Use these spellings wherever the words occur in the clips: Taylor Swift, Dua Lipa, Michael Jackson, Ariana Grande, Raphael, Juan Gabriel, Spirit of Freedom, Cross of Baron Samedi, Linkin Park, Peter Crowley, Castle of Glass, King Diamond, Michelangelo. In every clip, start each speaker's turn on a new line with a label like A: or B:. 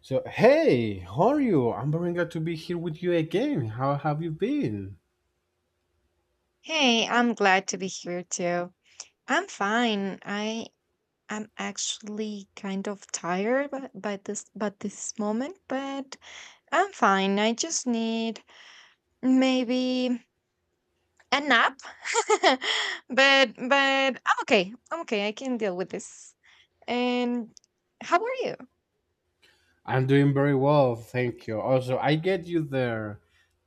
A: So, hey, how are you? I'm very glad to be here with you again. How have you been?
B: Hey, I'm glad to be here too. I'm fine. I am actually kind of tired by, this but this moment, but I'm fine. I just need maybe a nap. But I'm okay. I'm okay. I can deal with this. And how are you?
A: I'm doing very well, thank you. Also, I get you there.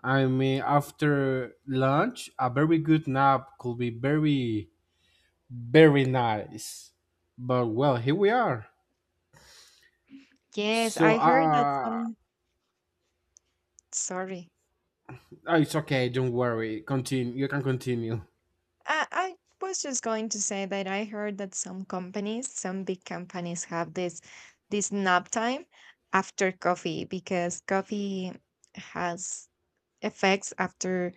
A: I mean, after lunch, a very good nap could be very, very nice. But well, here we are.
B: Yes,
A: So,
B: I heard that some sorry.
A: oh, it's okay, don't worry. Continue, you can continue.
B: I was just going to say that I heard that some companies, some big companies, have this nap time after coffee because coffee has effects after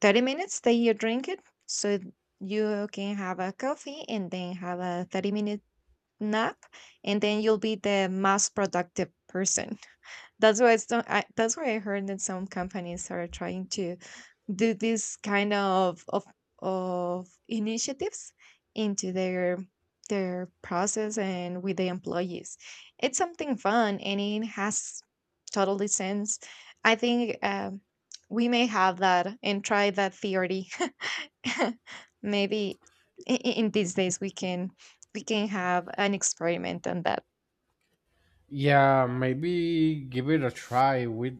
B: 30 minutes that you drink it. So you can have a coffee and then have a 30-minute nap, and then you'll be the most productive person. That's why it's not, I, that's why I heard that some companies are trying to do this kind of of initiatives into their process and with the employees. It's something fun and it has totally sense. I think we may have that and try that theory. Maybe in these days we can have an experiment on that.
A: Yeah, maybe give it a try with,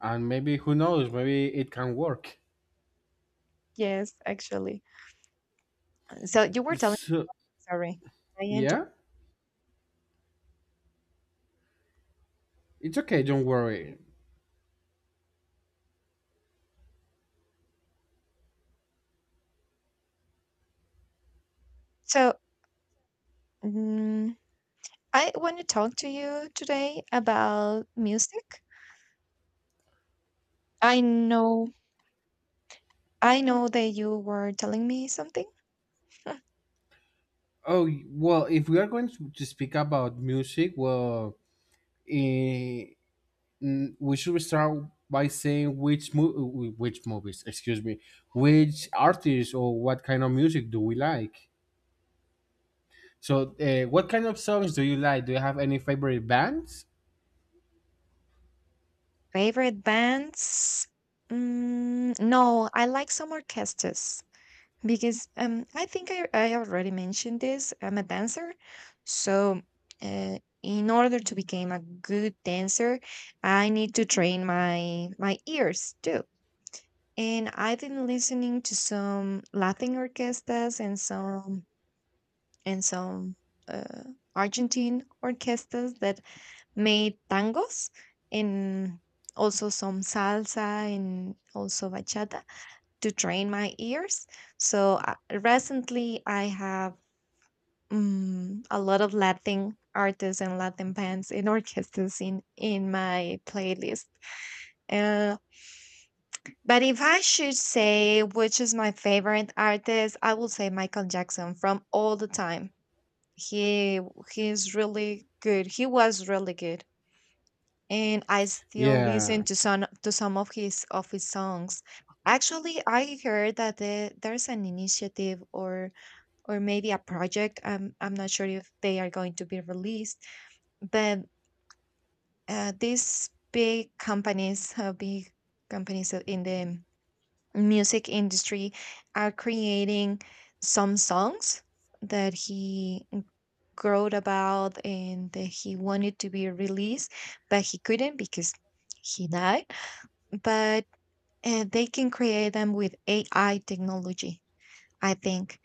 A: and maybe who knows, maybe it can work.
B: Yes, actually. So you were telling
A: So,
B: sorry, I inter
A: yeah. It's okay, don't worry.
B: So, mm, I want to talk to you today about music. I know, I know that you were telling me something.
A: Oh, well, if we are going to speak about music, well, eh, we should start by saying which movies, excuse me, which artists or what kind of music do we like? So, what kind of songs do you like? Do you have any favorite bands?
B: Favorite bands? No, I like some orchestras because I think I already mentioned this. I'm a dancer, so in order to become a good dancer, I need to train my ears too. And I've been listening to some Latin orchestras and some uh, Argentine orchestras that made tangos and also some salsa and also bachata to train my ears. So recently I have a lot of Latin artists and Latin bands and orchestras in my playlist. Uh, but if I should say which is my favorite artist, I will say Michael Jackson from all the time. He he's really good. He was really good. And I still
A: Yeah,
B: listen to some of his songs. Actually, I heard that there's an initiative or maybe a project. I'm not sure if they are going to be released, but these big companies in the music industry, are creating some songs that he wrote about and that he wanted to be released, but he couldn't because he died but they can create them with AI technology, I think.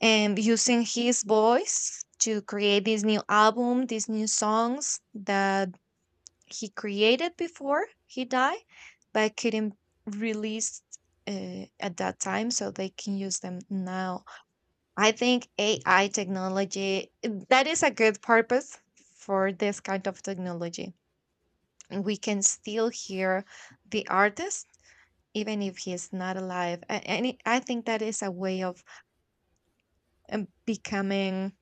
B: And using his voice to create this new album, these new songs that he created before he died, but couldn't release at that time, so they can use them now. I think AI technology that is a good purpose for this kind of technology. We can still hear the artist even if he is not alive. I think that is a way of becoming,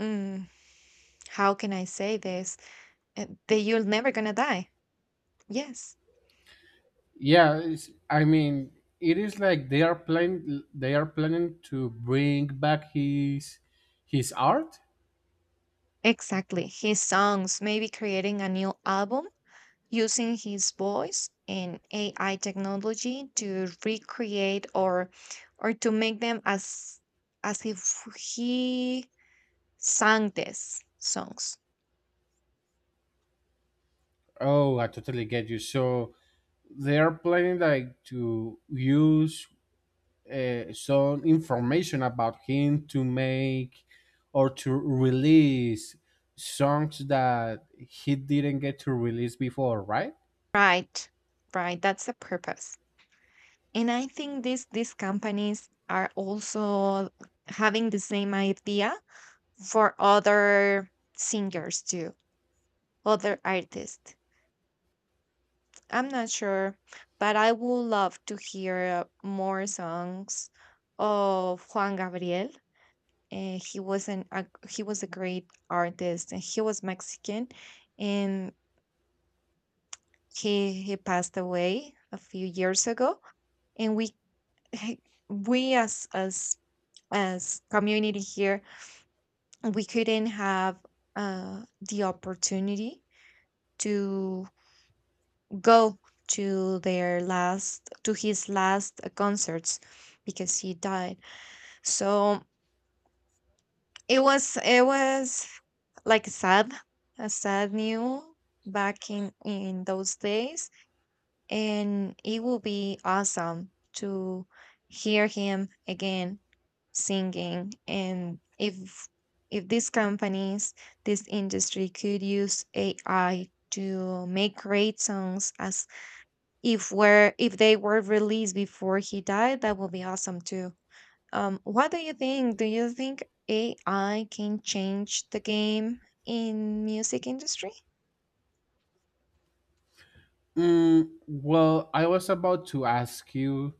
B: mm, how can I say this? That you're never going to die. Yes,
A: yeah. I mean, it is like they are planning. They are planning to bring back his art.
B: exactly. His songs, maybe creating a new album using his voice and AI technology to recreate or to make them as if he sang these songs.
A: Oh, I totally get you. So, they're planning like to use some information about him to make or to release songs that he didn't get to release before, right?
B: Right. Right. That's the purpose. And I think these companies are also having the same idea for other singers too, other artists, I'm not sure, but I would love to hear more songs of Juan Gabriel. He was a great artist and he was Mexican and he passed away a few years ago and we we as as community here we couldn't have the opportunity to go to their last to his last concerts because he died. So it was like sad, a sad news back in those days. And it will be awesome to hear him again singing. And if these companies, this industry could use AI to make great songs as if they were released before he died, that would be awesome too. What do you think? Do you think AI can change the game in music industry?
A: Well, I was about to ask you,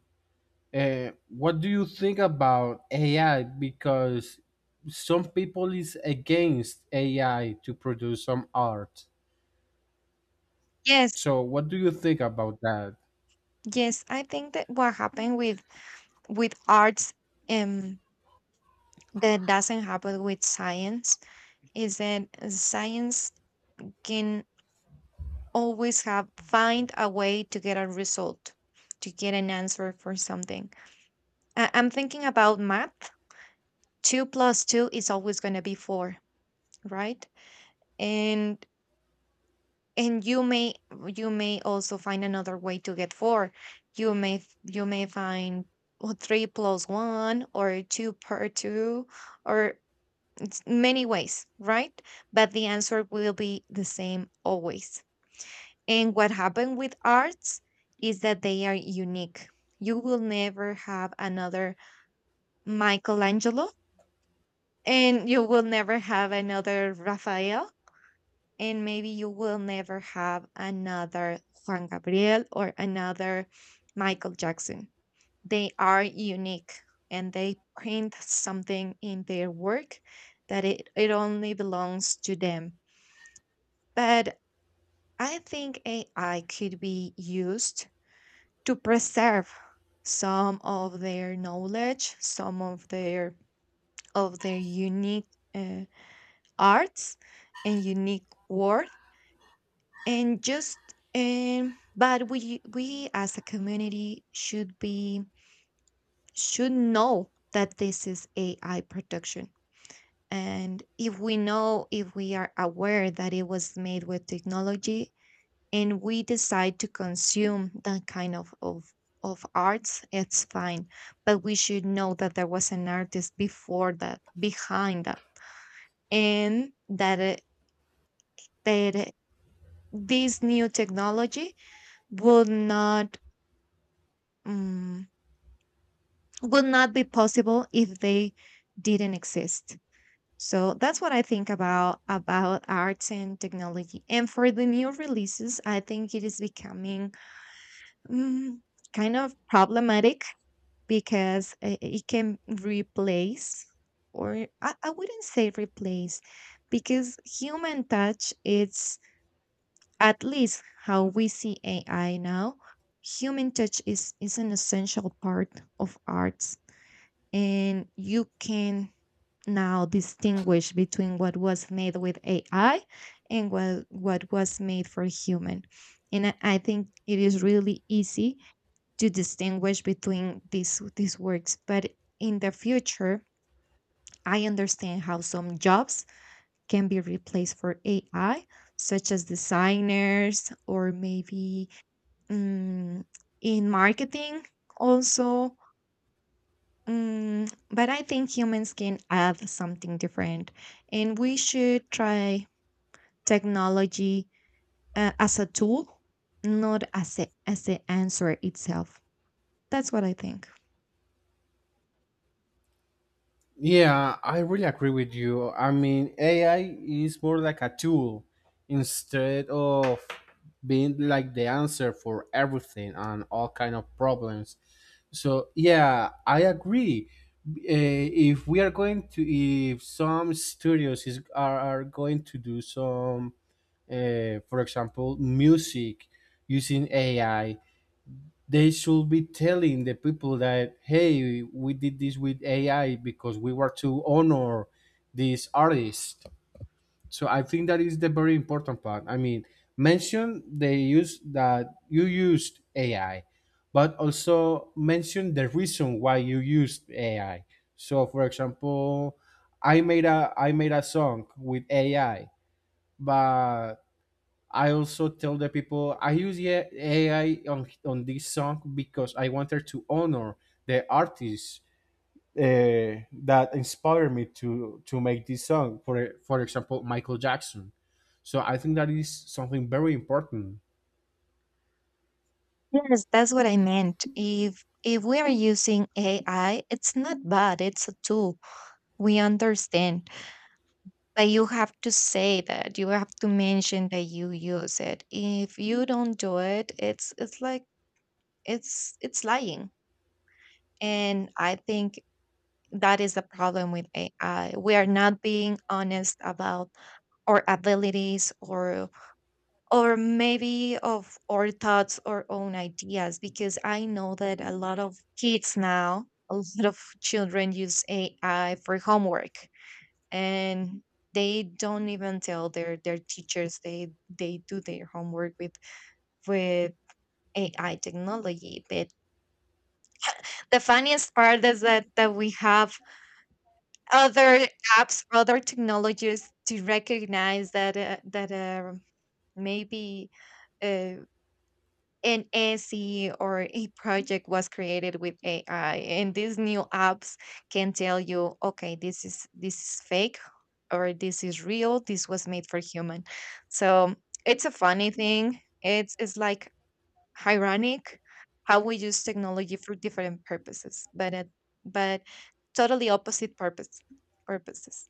A: what do you think about AI? Because some people is against AI to produce some art.
B: Yes,
A: So, what do you think about that?
B: yes, I think that what happened with arts, um that doesn't happen with science, is that science can always have find a way to get a result, to get an answer for something. I'm thinking about math. Two plus two is always going to be four, right? And and you may also find another way to get four. You may find, well, three plus one or two per two, or it's many ways, right? But the answer will be the same always. And what happened with arts is that they are unique. You will never have another Michelangelo, and you will never have another Raphael, and maybe you will never have another Juan Gabriel or another Michael Jackson. They are unique and they print something in their work that it only belongs to them. But I think AI could be used to preserve some of their knowledge, some of their unique uh, arts and unique work, and just but we as a community should be should know that this is AI production. And if we know, if we are aware that it was made with technology, and we decide to consume that kind of arts, it's fine, but we should know that there was an artist before that, behind that, and that that it- this new technology would not um, would not be possible if they didn't exist. So that's what I think about arts and technology. And for the new releases I think it is becoming, mm, kind of problematic because it can replace, or I wouldn't say replace because human touch it's, at least how we see AI now. Human touch is an essential part of arts, and you can now distinguish between what was made with AI and what was made for human. And I think it is really easy to distinguish between these works, but in the future I understand how some jobs can be replaced for AI, such as designers or maybe, mm, in marketing also. But I think humans can add something different, and we should try technology as a tool, not as as the answer itself. That's what I think.
A: Yeah, I really agree with you. I mean, AI is more like a tool instead of being like the answer for everything and all kind of problems. So yeah, I agree. If we are if some studios are going to do some, for example, music using AI, they should be telling the people that, hey, we did this with ai because we were to honor this artist. So I think that is the very important part. I mean, mention the use that you used ai, but also mention the reason why you used ai. So, for example, I made a song with ai, but I also tell the people I use, yeah, AI on this song because I wanted to honor the artists that inspired me to make this song. For example, Michael Jackson. So I think that is something very important.
B: Yes, that's what I meant. If we are using AI, it's not bad. It's a tool. We understand. But you have to say that. You have to mention that you use it. If you don't do it, it's like it's lying. And I think that is the problem with AI. We are not being honest about our abilities or maybe of our thoughts or own ideas, because I know that a lot of kids now, a lot of children use AI for homework, and they don't even tell their teachers. They do their homework with AI technology. But the funniest part is that we have other apps, other technologies to recognize that that maybe uh, an essay or a project was created with AI, and these new apps can tell you, okay, this is fake or this is real. This was made for human. So it's a funny thing. It's like ironic how we use technology for different purposes, but at, but totally opposite purposes.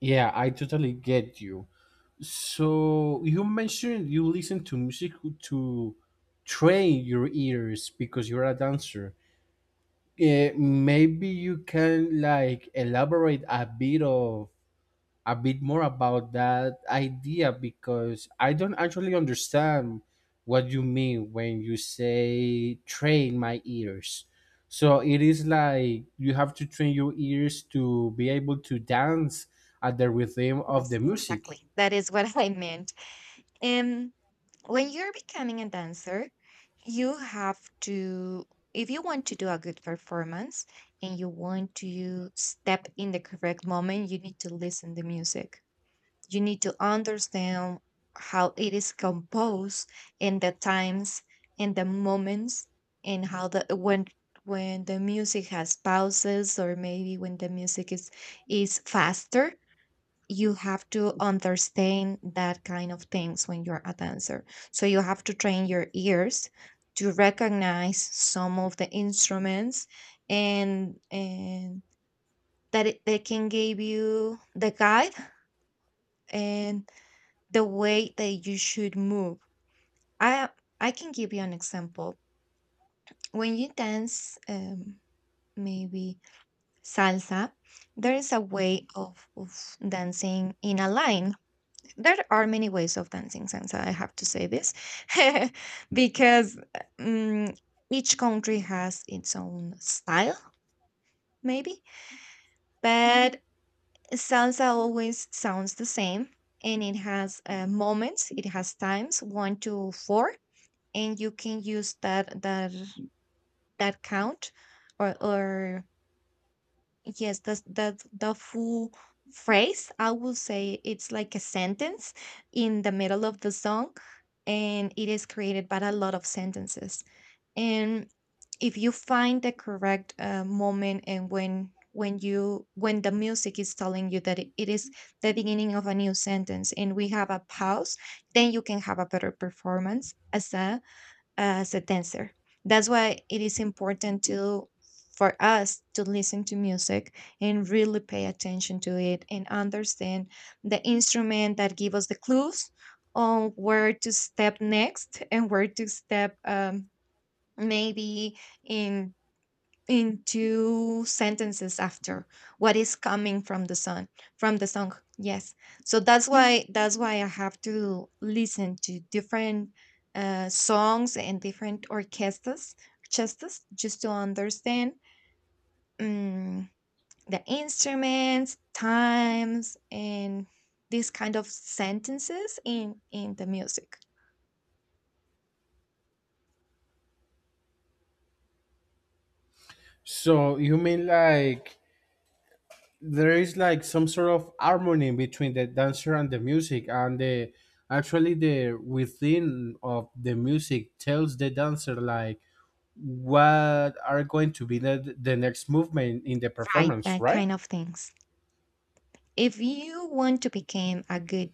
A: Yeah, I totally get you. So you mentioned you listen to music to train your ears because you're a dancer. Maybe you can like elaborate a bit more about that idea because I don't actually understand what you mean when you say train my ears. So it is like you have to train your ears to be able to dance at the rhythm of
B: Yes,
A: the music.
B: exactly. That is what I meant. When you're becoming a dancer, you have to, if you want to do a good performance and you want to step in the correct moment, you need to listen to music. You need to understand how it is composed, and the times and the moments, and how the when the music has pauses or maybe when the music is faster, you have to understand that kind of things when you're a dancer. So you have to train your ears to recognize some of the instruments and that they can give you the guide and the way that you should move. I I can give you an example. When you dance maybe salsa, there is a way of dancing in a line. There are many ways of dancing salsa, I have to say this, because, mm, each country has its own style, maybe. Mhm. But salsa always sounds the same and it has moments, it has times 1 to 4, and you can use that that count or, yes, that's that the full phrase. I would say it's like a sentence in the middle of the song, and it is created by a lot of sentences. And if you find the correct moment and when you when the music is telling you that it is the beginning of a new sentence and we have a pause, then you can have a better performance as a dancer. That's why it is important to for us to listen to music and really pay attention to it and understand the instrument that give us the clues on where to step next and where to step maybe in in two sentences after what is coming from the sun, from the song, yes. So that's why I have to listen to different songs and different orchestras just to understand um, the instruments times and these kind of sentences in the music.
A: So you mean like there is like some sort of harmony between the dancer and the music, and the, actually, the within of the music tells the dancer like what are going to be the next movement in the
B: Right,
A: performance,
B: that
A: right?
B: kind of things. If you want to become a good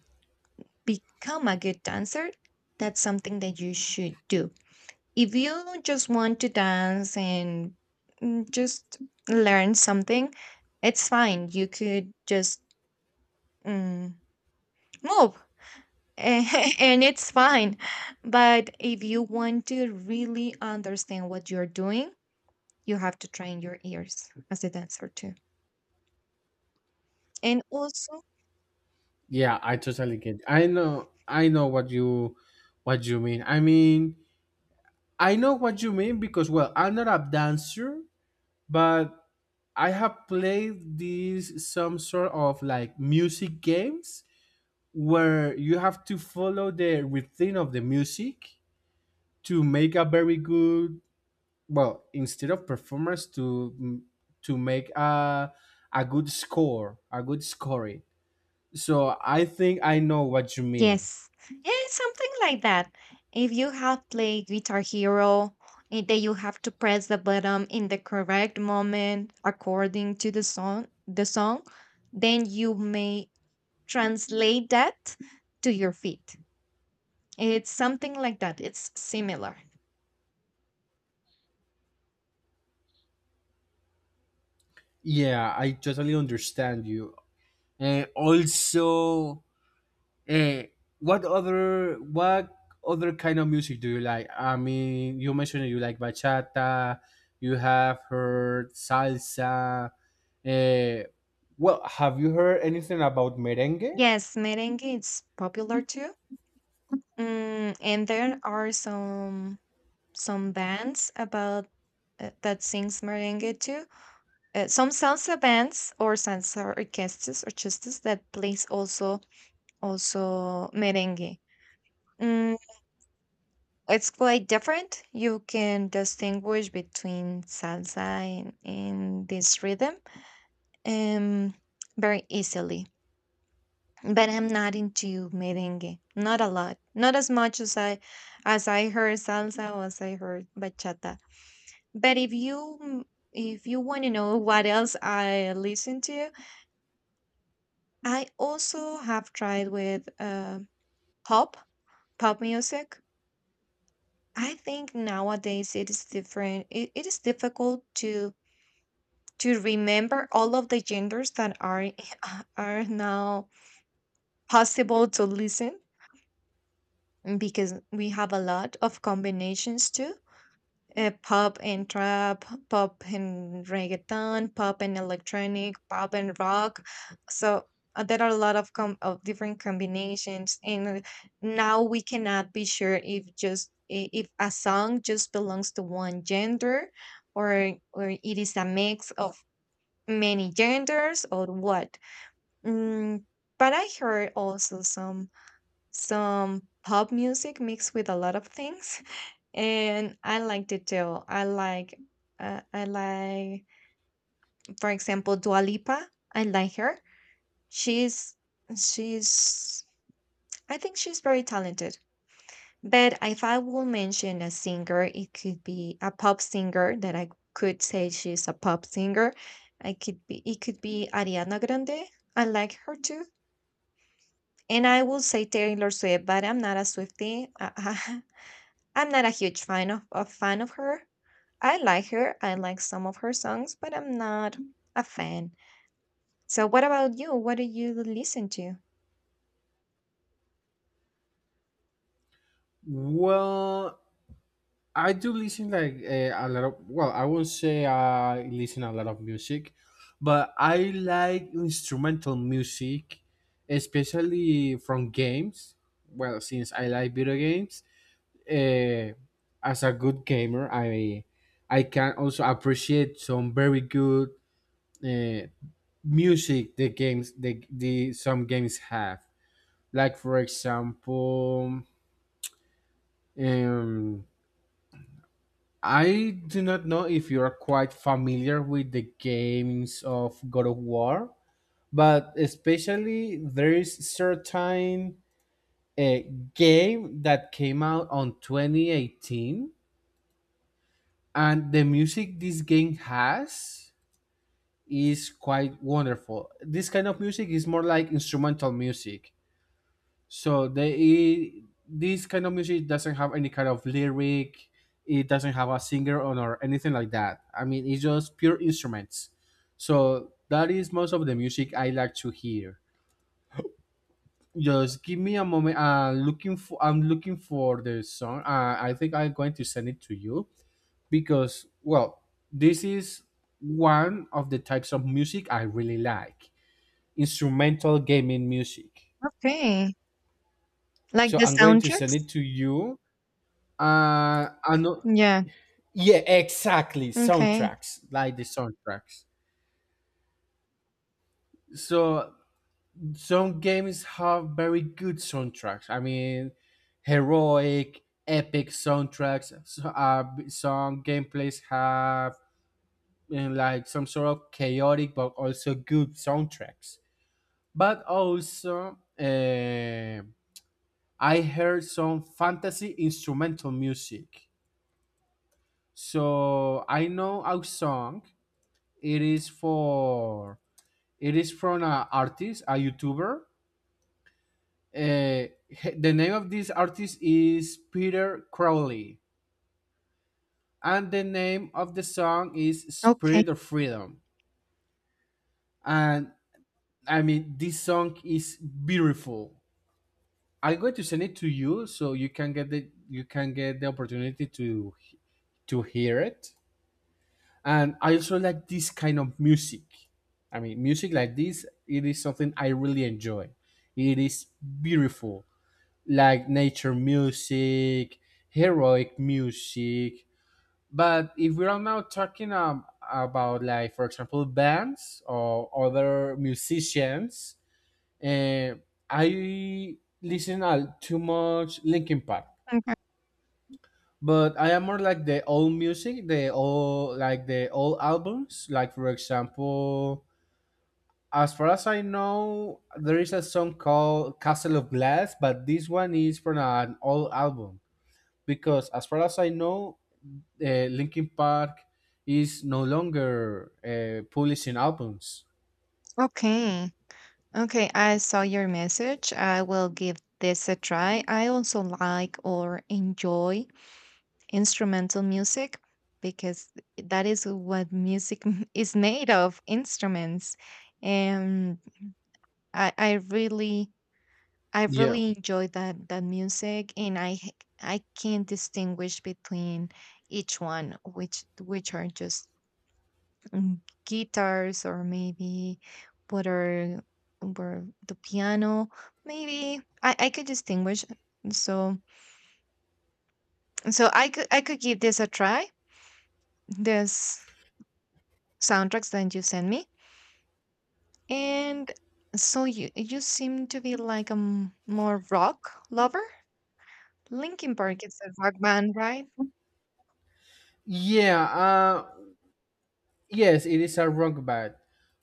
B: become a good dancer, that's something that you should do. If you just want to dance and just learn something, it's fine. You could just mm, move and it's fine. But if you want to really understand what you're doing, you have to train your ears as a dancer too. And also,
A: Yeah, I totally get. I know what you mean. I mean, I know what you mean because, well, I'm not a dancer, but I have played these some sort of like music games where you have to follow the rhythm of the music to make a very good, well, instead of performers, to make a good score a good scoring, so I think I know what you mean.
B: yes. Yeah, it's something like that. If you have played Guitar Hero, then you have to press the button in the correct moment according to the song, then you may translate that to your feet. It's something like that. It's similar.
A: Yeah, I totally understand you. And also, uh, what other kind of music do you like? I mean, you mentioned you like bachata, you have heard salsa, uh, well, have you heard anything about merengue?
B: Yes, merengue is popular too. Mm, and there are some bands about that sings merengue too. Some salsa bands or salsa orchestras that plays also also merengue. Mm, it's quite different. You can distinguish between salsa and this rhythm um, very easily. But I'm not into merengue. Not a lot. Not as much as I heard salsa or as I heard bachata. But if you want to know what else I listen to, I also have tried with pop, pop music. I think nowadays it is different. It is difficult to remember all of the genders that are are now possible to listen because we have a lot of combinations too. Uh, pop and trap, pop and reggaeton, pop and electronic, pop and rock. So there are a lot of different combinations, and now we cannot be sure if just if a song just belongs to one gender, or it is a mix of many genders or what. Mm, but I heard also some pop music mixed with a lot of things and I liked it too. I like, for example, Dua Lipa. I like her. She's, she's, I think she's very talented. But if I will mention a singer, it could be a pop singer that I could say she's a pop singer. It could be Ariana Grande. I like her too. And I will say Taylor Swift, but I'm not a Swiftie. I am not a huge fan of fan of her. I like her. I like some of her songs, but I'm not a fan. So what about you? What do you listen to?
A: Well, I do listen like, a lot of well, I won't say I listen a lot of music, but I like instrumental music, especially from games. Well, since I like video games, uh, as a good gamer, I can also appreciate some very good uh, music the games, the some games have. Like, for example, um, I do not know if you are quite familiar with the games of God of War, but especially there is certain a game that came out on 2018, and the music this game has is quite wonderful. This kind of music is more like instrumental music. So this kind of music doesn't have any kind of lyric. It doesn't have a singer on or anything like that. I mean, it's just pure instruments. So that is most of the music I like to hear. Just give me a moment. Looking for I'm looking for the song. I think I'm going to send it to you because, well, this is one of the types of music I really like: instrumental gaming music.
B: Okay. Like
A: So
B: the
A: I'm going to send
B: soundtracks?
A: it to you and
B: Yeah.
A: yeah, exactly,
B: Okay.
A: soundtracks, like the soundtracks. So some games have very good soundtracks. I mean, heroic, epic soundtracks. So, some gameplays have, like, some sort of chaotic but also good soundtracks. But also, I heard some fantasy instrumental music. So I know a song. It is for it is from an artist, a YouTuber. Uh, the name of this artist is Peter Crowley, and the name of the song is
B: Okay.
A: "Spirit of Freedom." And I mean, this song is beautiful. I'm going to send it to you so you can get the you can get the opportunity to hear it. And I also like this kind of music. I mean, music like this, it is something I really enjoy. It is beautiful, like nature music, heroic music. But if we are now talking, about, like, for example, bands or other musicians, uh, I listen too much Linkin Park.
B: Okay.
A: But I am more like the old music, the old albums. Like, for example, as far as I know, there is a song called Castle of Glass, but this one is from an old album because, as far as I know, Linkin Park is no longer publishing albums.
B: Okay. Okay. I saw your message. I will give this a try. I also like or enjoy instrumental music because that is what music is made of, instruments. And I, I really I
A: Yeah.
B: really enjoy that music, and I can't distinguish between each one, which are just mm, guitars or maybe what are were the piano. Maybe I could distinguish. So so I could give this a try. This soundtracks that you sent me, and so you seem to be like a more rock lover. Linkin Park is a rock band, right?
A: Yeah, yes, it is a rock band.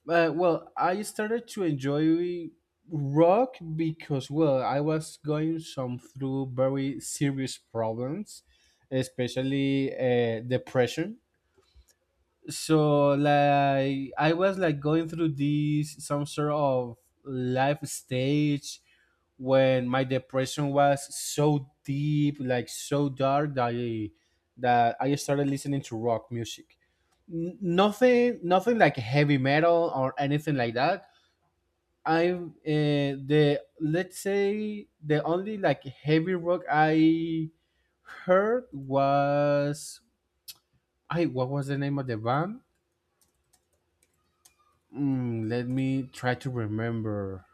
A: Well, I started to enjoy rock because, well, I was going some through very serious problems, especially depression. So, like, I was like going through this some sort of life stage when my depression was so deep, like so dark, that I started listening to rock music. Nothing like heavy metal or anything like that. I, the let's say, the only like heavy rock I heard was, I, what was the name of the band? Let me try to remember.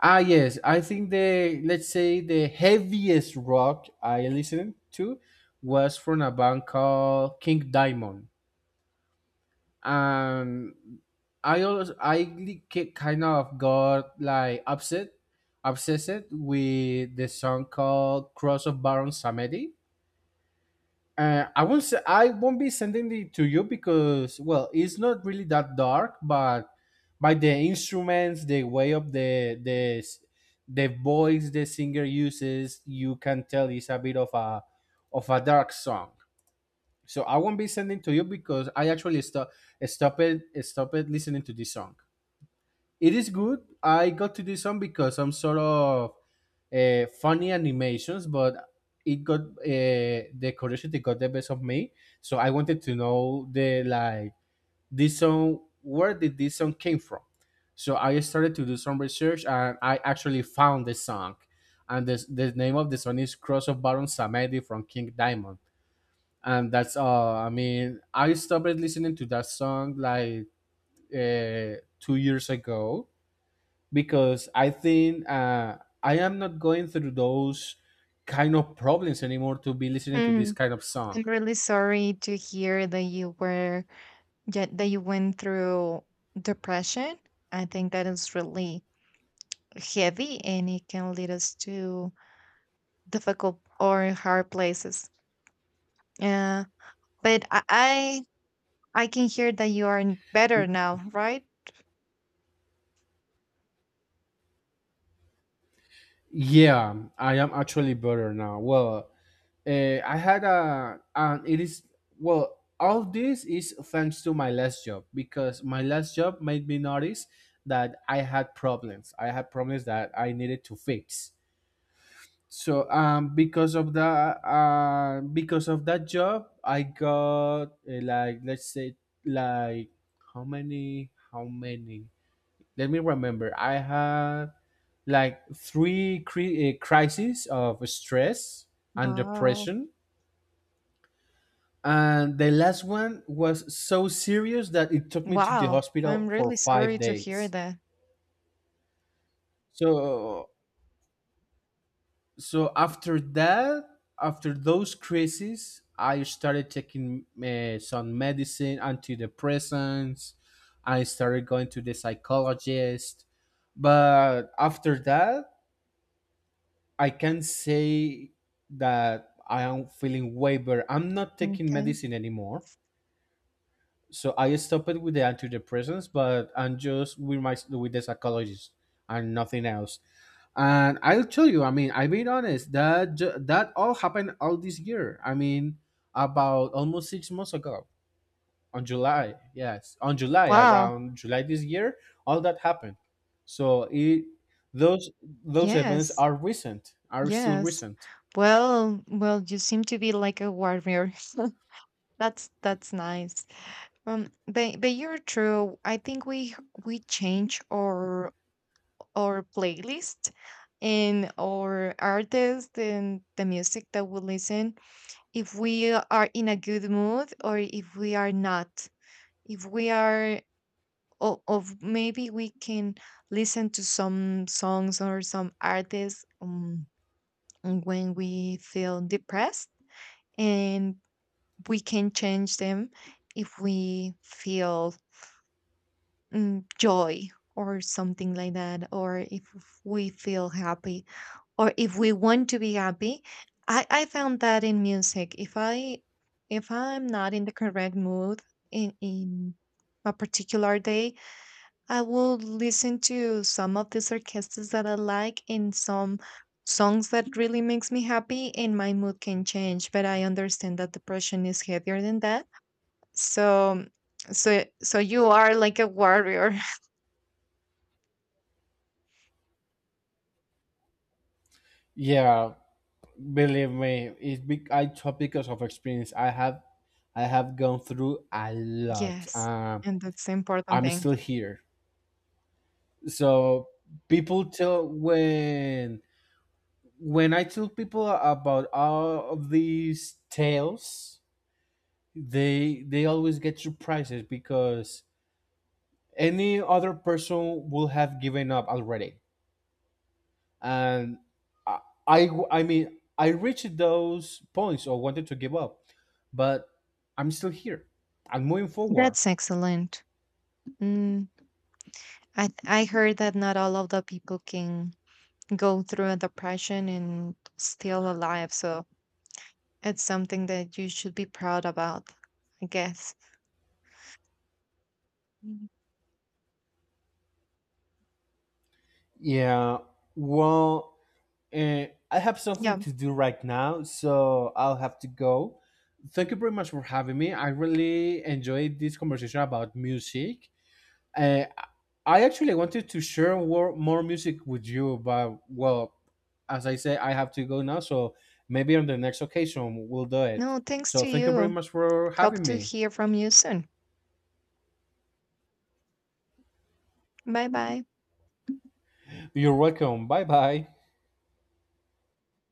A: Ah, yes, I think the, let's say, the heaviest rock I listened to was from a band called King Diamond. And I also, I kind of got, like, upset, obsessed with the song called Cross of Baron Samedi. I won't be sending it to you because, well, it's not really that dark, but by the instruments, the way of the voice the singer uses, you can tell it's a bit of a dark song. So I won't be sending to you because I actually stop stop it listening to this song. It is good. I got to this song because some sort of funny animations, but it got the curiosity got the best of me. So I wanted to know the, like, this song. Where did this song came from? So I started to do some research and I actually found the song, and the name of the song is "Cross of Baron Samedi" from King Diamond. And that's all. I mean, I stopped listening to that song like, 2 years ago because I think, I am not going through those kind of problems anymore to be listening to this
B: Hmm.
A: kind of song.
B: I'm really sorry to hear that you were that you went through depression. I think that is really heavy and it can lead us to difficult or hard places. Yeah, but I can hear that you are
A: Y-
B: better now, right?
A: Yeah, I am actually better now. Well, I had a, and it is well. All this is thanks to my last job because my last job made me notice that I had problems. I had problems that I needed to fix, so because of that job, I got, like, let's say, like how many let me remember, I had like three crises of stress and
B: Wow.
A: depression. And the last one was so serious that it took me to the
B: Wow. I'm
A: hospital for
B: really
A: five
B: sorry to hear
A: days
B: that.
A: So so, after those crises, I started taking some medicine, antidepressants. I started going to the psychologist, but after that, I can say that I am feeling way better. I'm not taking
B: Okay.
A: medicine anymore. So I stopped it with the antidepressants, but I'm just with the psychologist, and nothing else. And I'll tell you, I mean, I being honest, that that all happened all this year. I mean, about almost 6 months ago, on July, yes, on July,
B: Wow.
A: around July this year, all that happened. So it those those events
B: Yes.
A: are still
B: Yes.
A: recent.
B: Well, well, you seem to be like a warrior. That's nice. But you're true. I think we change our playlist and our artist and the music that we listen if we are in a good mood or if we are not. If we are of maybe we can listen to some songs or some artists when we feel depressed and we can change them if we feel joy or something like that or if we feel happy or if we want to be happy. I found that in music if I'm not in the correct mood in a particular day I will listen to some of these orchestras that I like and some songs that really makes me happy and my mood can change, but I understand that depression is heavier than that. So so so you are like a warrior.
A: Yeah, believe me, it's big. I talk because of experience. I have gone through a lot.
B: Yes, and that's the important
A: I'm
B: thing.
A: still here. So, people tell when I tell people about all of these tales, they always get surprises because any other person will have given up already. And I I mean, I reached those points or wanted to give up, but I'm still here. I'm moving forward.
B: That's excellent. Mm, I heard that not all of the people can go through a depression and still alive, so it's something that you should be proud about, I guess. Mhm.
A: Yeah. Well, I have
B: Yeah.
A: something to do right now, so I'll have to go. Thank you very much for having me. I really enjoyed this conversation about music. Uh, I actually wanted to share more, more music with you, but, well, as I say, I have to go now, so maybe on the next occasion we'll do it.
B: No, thanks
A: So
B: to
A: thank you very
B: you.
A: much for
B: Hope
A: having
B: to
A: me.
B: hear from you soon. Bye bye.
A: You're welcome. Bye bye.